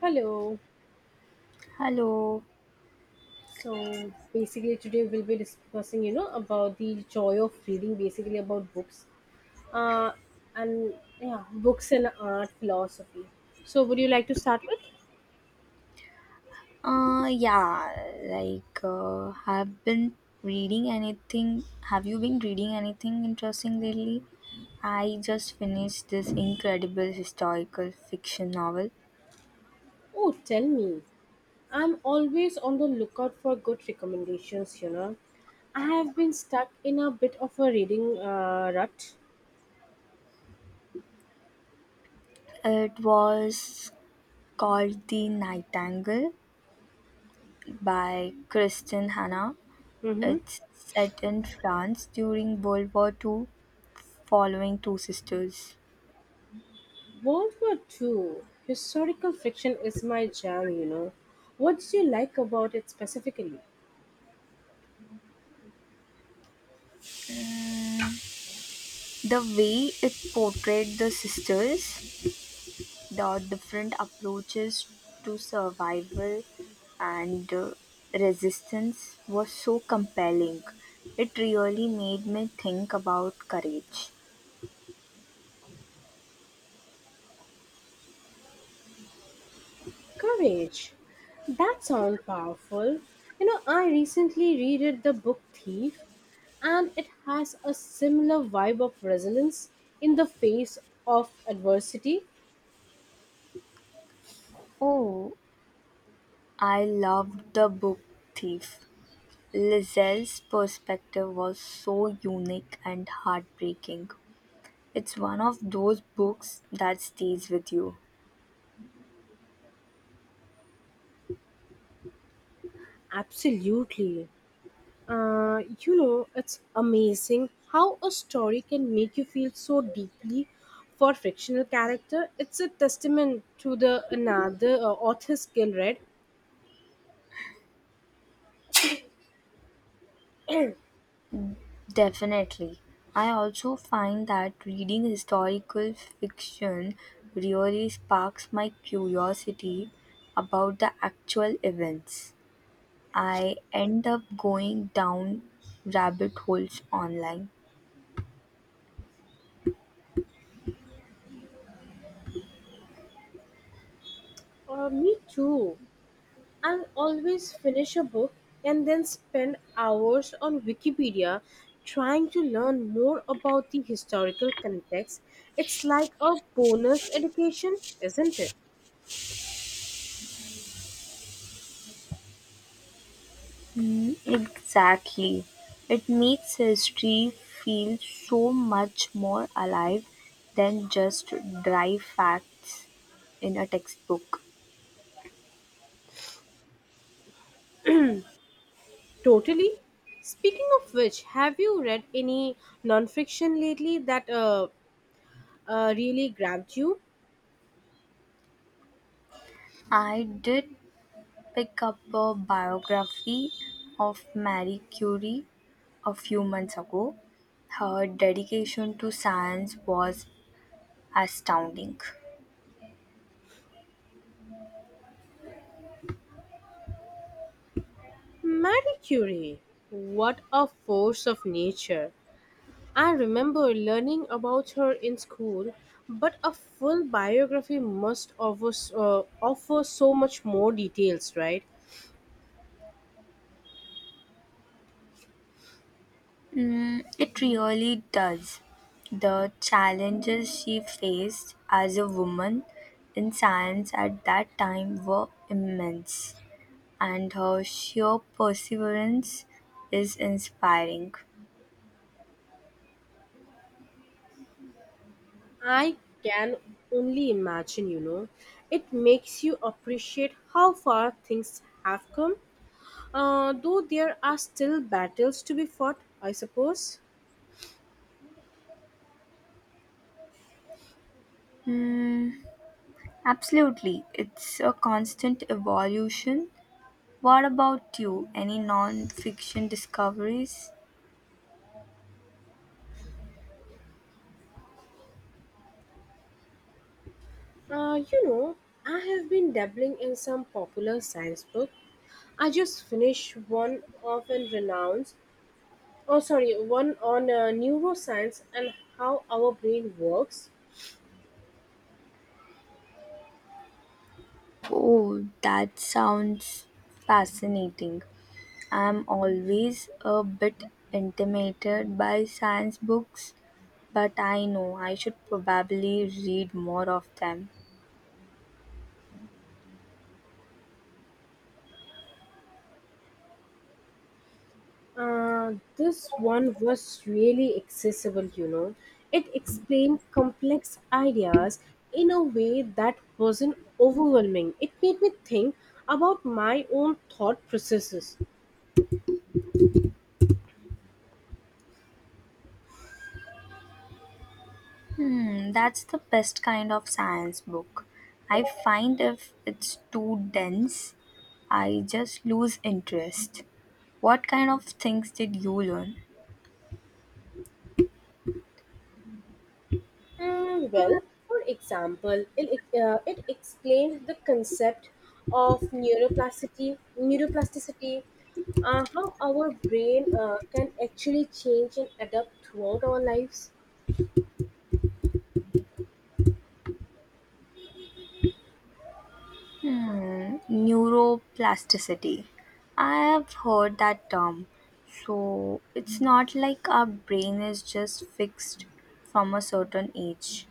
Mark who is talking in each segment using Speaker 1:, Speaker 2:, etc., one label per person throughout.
Speaker 1: Hello.
Speaker 2: Hello.
Speaker 1: So basically, today we'll be discussing, you know, about the joy of reading, basically about books, uh, and yeah, books and art philosophy. So, would you like to start with?
Speaker 2: Yeah, like, uh, have been reading anything? Have you been reading anything interesting lately? I just finished this incredible historical fiction novel.
Speaker 1: Oh, tell me. I'm always on the lookout for good recommendations. You know, I have been stuck in a bit of a reading rut.
Speaker 2: It was called The Nightingale by Kristen Hannah.
Speaker 1: Mm-hmm.
Speaker 2: It's set in France during World War II, following two sisters.
Speaker 1: World War Two historical fiction is my jam. You know, what did you like about it specifically?
Speaker 2: The way it portrayed the sisters. The different approaches to survival and resistance were so compelling. It really made me think about courage.
Speaker 1: Courage. That sounds powerful. You know, I recently read the book Thief, and it has a similar vibe of resilience in the face of adversity.
Speaker 2: Oh, I loved the book Thief. Lizelle's perspective was so unique and heartbreaking. It's one of those books that stays with you.
Speaker 1: Absolutely. You know, it's amazing how a story can make you feel so deeply for fictional character. It's a testament to the another author's skill, right? uh,
Speaker 2: Definitely. I also find that reading historical fiction really sparks my curiosity about the actual events. I end up going down rabbit holes online.
Speaker 1: me too. I'll always finish a book and then spend hours on Wikipedia trying to learn more about the historical context. It's like a bonus education, isn't it?
Speaker 2: Mm, exactly. It makes history feel so much more alive than just dry facts in a textbook.
Speaker 1: Totally. Speaking of which, have you read any nonfiction lately that really grabbed you?
Speaker 2: I did pick up a biography of Marie Curie a few months ago. Her dedication to science was astounding.
Speaker 1: Marie Curie, what a force of nature. I remember learning about her in school, but a full biography must offer so much more details, right?
Speaker 2: Mm, it really does. The challenges she faced as a woman in science at that time were immense, and her sheer perseverance is inspiring.
Speaker 1: I can only imagine, you know. It makes you appreciate how far things have come, though there are still battles to be fought, I suppose.
Speaker 2: Hmm, absolutely. It's a constant evolution. What about you? Any non-fiction discoveries?
Speaker 1: You know, I have been dabbling in some popular science books. I just finished one of a renowned oh sorry one on neuroscience and how our brain works.
Speaker 2: Oh, that sounds fascinating. I'm always a bit intimidated by science books, but I know I should probably read more of them.
Speaker 1: This one was really accessible, you know, it explained complex ideas in a way that wasn't overwhelming. It made me think about my own thought processes.
Speaker 2: Hmm, that's the best kind of science book. I find if it's too dense, I just lose interest. What kind of things did you learn?
Speaker 1: Mm, well, for example, it explained the concept of neuroplasticity, how our brain can actually change and adapt throughout our lives.
Speaker 2: Hmm, neuroplasticity. I have heard that term. So it's not like our brain is just fixed from a certain age.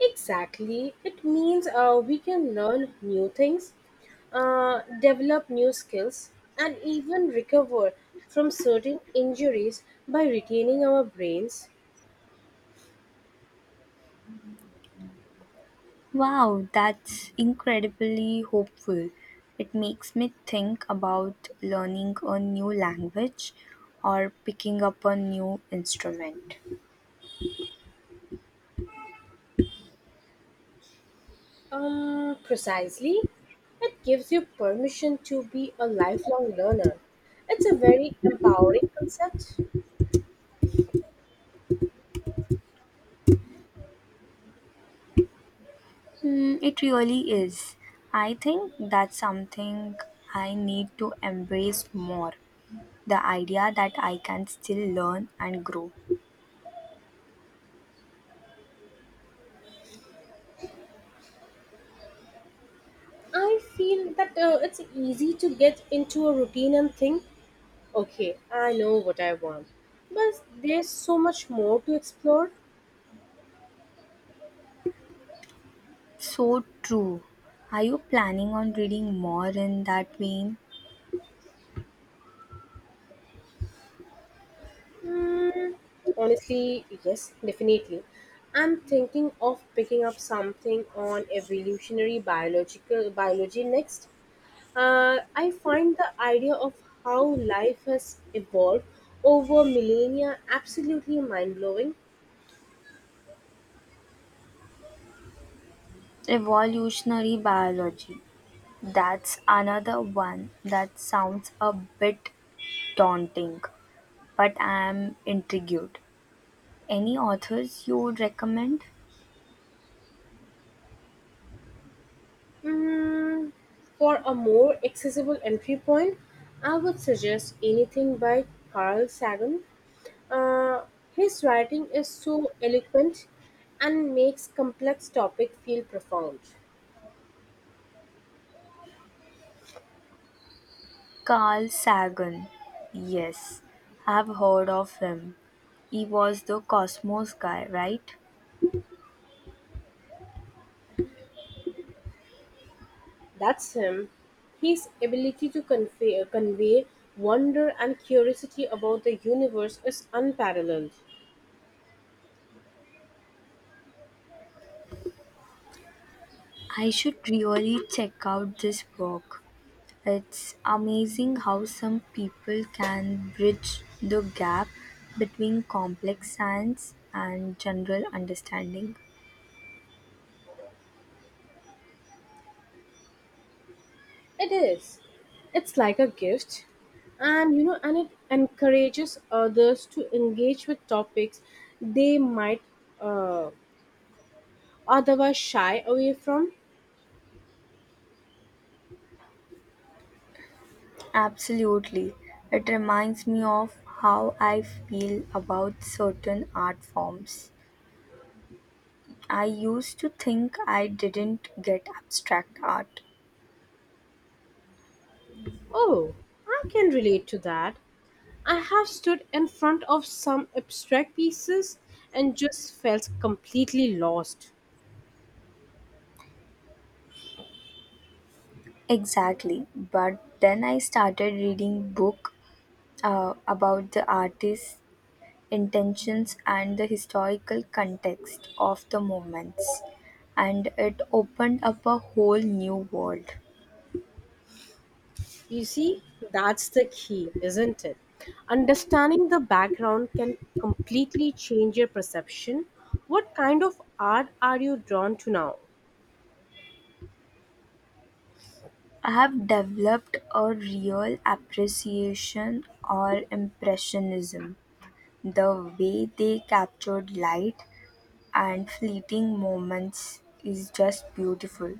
Speaker 1: Exactly, it means we can learn new things, develop new skills, and even recover from certain injuries by retaining our brains.
Speaker 2: Wow, that's incredibly hopeful. It makes me think about learning a new language or picking up a new instrument.
Speaker 1: Precisely. It gives you permission to be a lifelong learner. It's a very empowering concept.
Speaker 2: Mm, it really is. I think that's something I need to embrace more. The idea that I can still learn and grow.
Speaker 1: I feel that it's easy to get into a routine and think, okay, I know what I want. But there's so much more to explore.
Speaker 2: So true. Are you planning on reading more in that vein?
Speaker 1: Mm, honestly, yes, definitely. I'm thinking of picking up something on evolutionary biological biology next. I find the idea of how life has evolved over millennia absolutely mind blowing.
Speaker 2: Evolutionary biology. That's another one that sounds a bit daunting, but I am intrigued. Any authors you would recommend?
Speaker 1: Mm, for a more accessible entry point, I would suggest anything by Carl Sagan. Uh, his writing is so eloquent and makes complex topic feel profound.
Speaker 2: Carl Sagan. Yes, I've heard of him. He was the Cosmos guy, right?
Speaker 1: That's him. His ability to convey wonder and curiosity about the universe is unparalleled.
Speaker 2: I should really check out this book. It's amazing how some people can bridge the gap between complex science and general understanding.
Speaker 1: It is. It's like a gift. And it encourages others to engage with topics they might uh, otherwise shy away from.
Speaker 2: Absolutely. It reminds me of how I feel about certain art forms. I used to think I didn't get abstract art.
Speaker 1: Oh, I can relate to that. I have stood in front of some abstract pieces and just felt completely lost.
Speaker 2: Exactly. But then I started reading book about the artists intentions and the historical context of the movements, and it opened up a whole new world.
Speaker 1: You see, that's the key, isn't it? Understanding the background can completely change your perception. What kind of art are you drawn to now?
Speaker 2: I have developed a real appreciation or impressionism, the way they captured light and fleeting moments is just beautiful.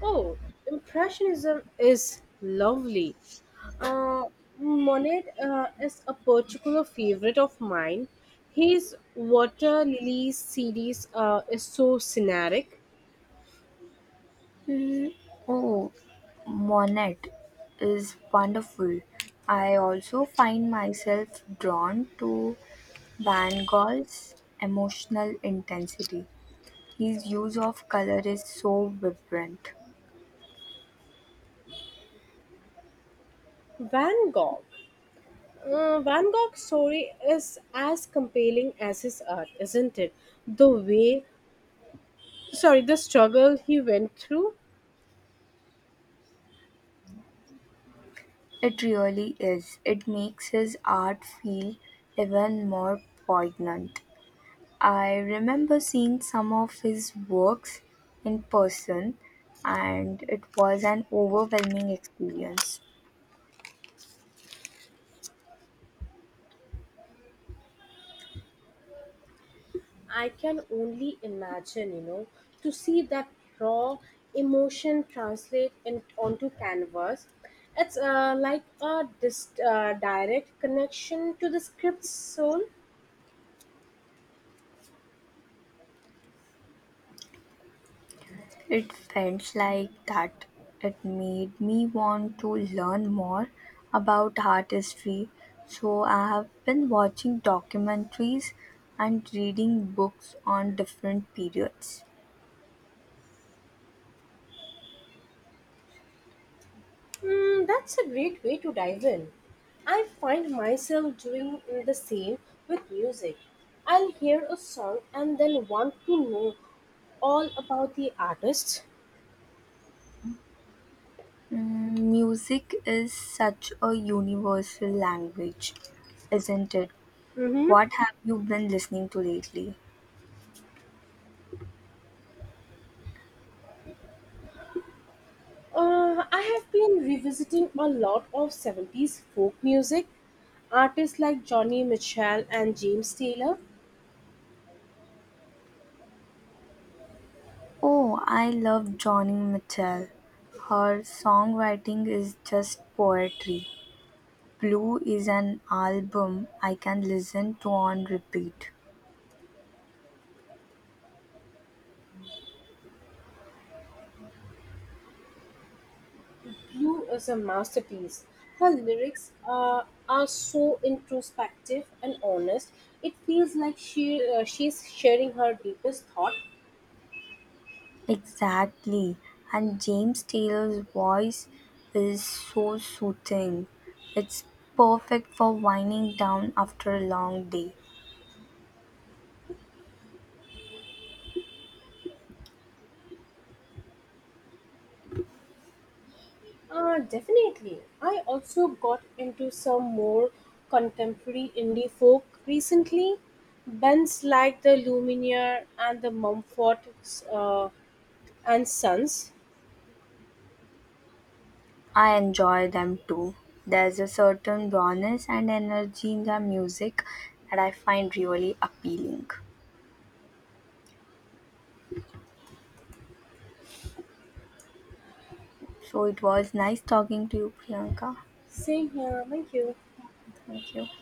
Speaker 1: Oh, Impressionism is lovely. Uh, Monet is a particular favorite of mine. His Water Lilies series is so scenic.
Speaker 2: Mm. Oh, Monet is wonderful. I also find myself drawn to Van Gogh's emotional intensity. His use of color is so vibrant.
Speaker 1: Van Gogh. Van Gogh's story is as compelling as his art, isn't it? The way, the struggle he went through,
Speaker 2: It really is. It makes his art feel even more poignant. I remember seeing some of his works in person, and it was an overwhelming experience.
Speaker 1: I can only imagine, you know, to see that raw emotion translate onto canvas. It's like a direct connection to the script's soul.
Speaker 2: It felt like that. It made me want to learn more about art history, so I have been watching documentaries and reading books on different periods.
Speaker 1: Mm, that's a great way to dive in. I find myself doing the same with music. I'll hear a song and then want to know all about the artist.
Speaker 2: Mm, music is such a universal language, isn't it?
Speaker 1: Mm-hmm.
Speaker 2: What have you been listening to lately?
Speaker 1: I have been revisiting a lot of '70s folk music, artists like Johnny Mitchell and James Taylor.
Speaker 2: Oh, I love Johnny Mitchell. Her songwriting is just poetry. Blue is an album I can listen to on repeat.
Speaker 1: Blue is a masterpiece. Her lyrics are so introspective and honest. It feels like she's sharing her deepest thought.
Speaker 2: Exactly. And James Taylor's voice is so soothing. It's perfect for winding down after a long day.
Speaker 1: Definitely. I also got into some more contemporary indie folk recently. Bands like the Lumineer and the Mumford uh, and Sons.
Speaker 2: I enjoy them too. There's a certain rawness and energy in their music that I find really appealing. So it was nice talking to you, Priyanka.
Speaker 1: Same here. Thank you.
Speaker 2: Thank you.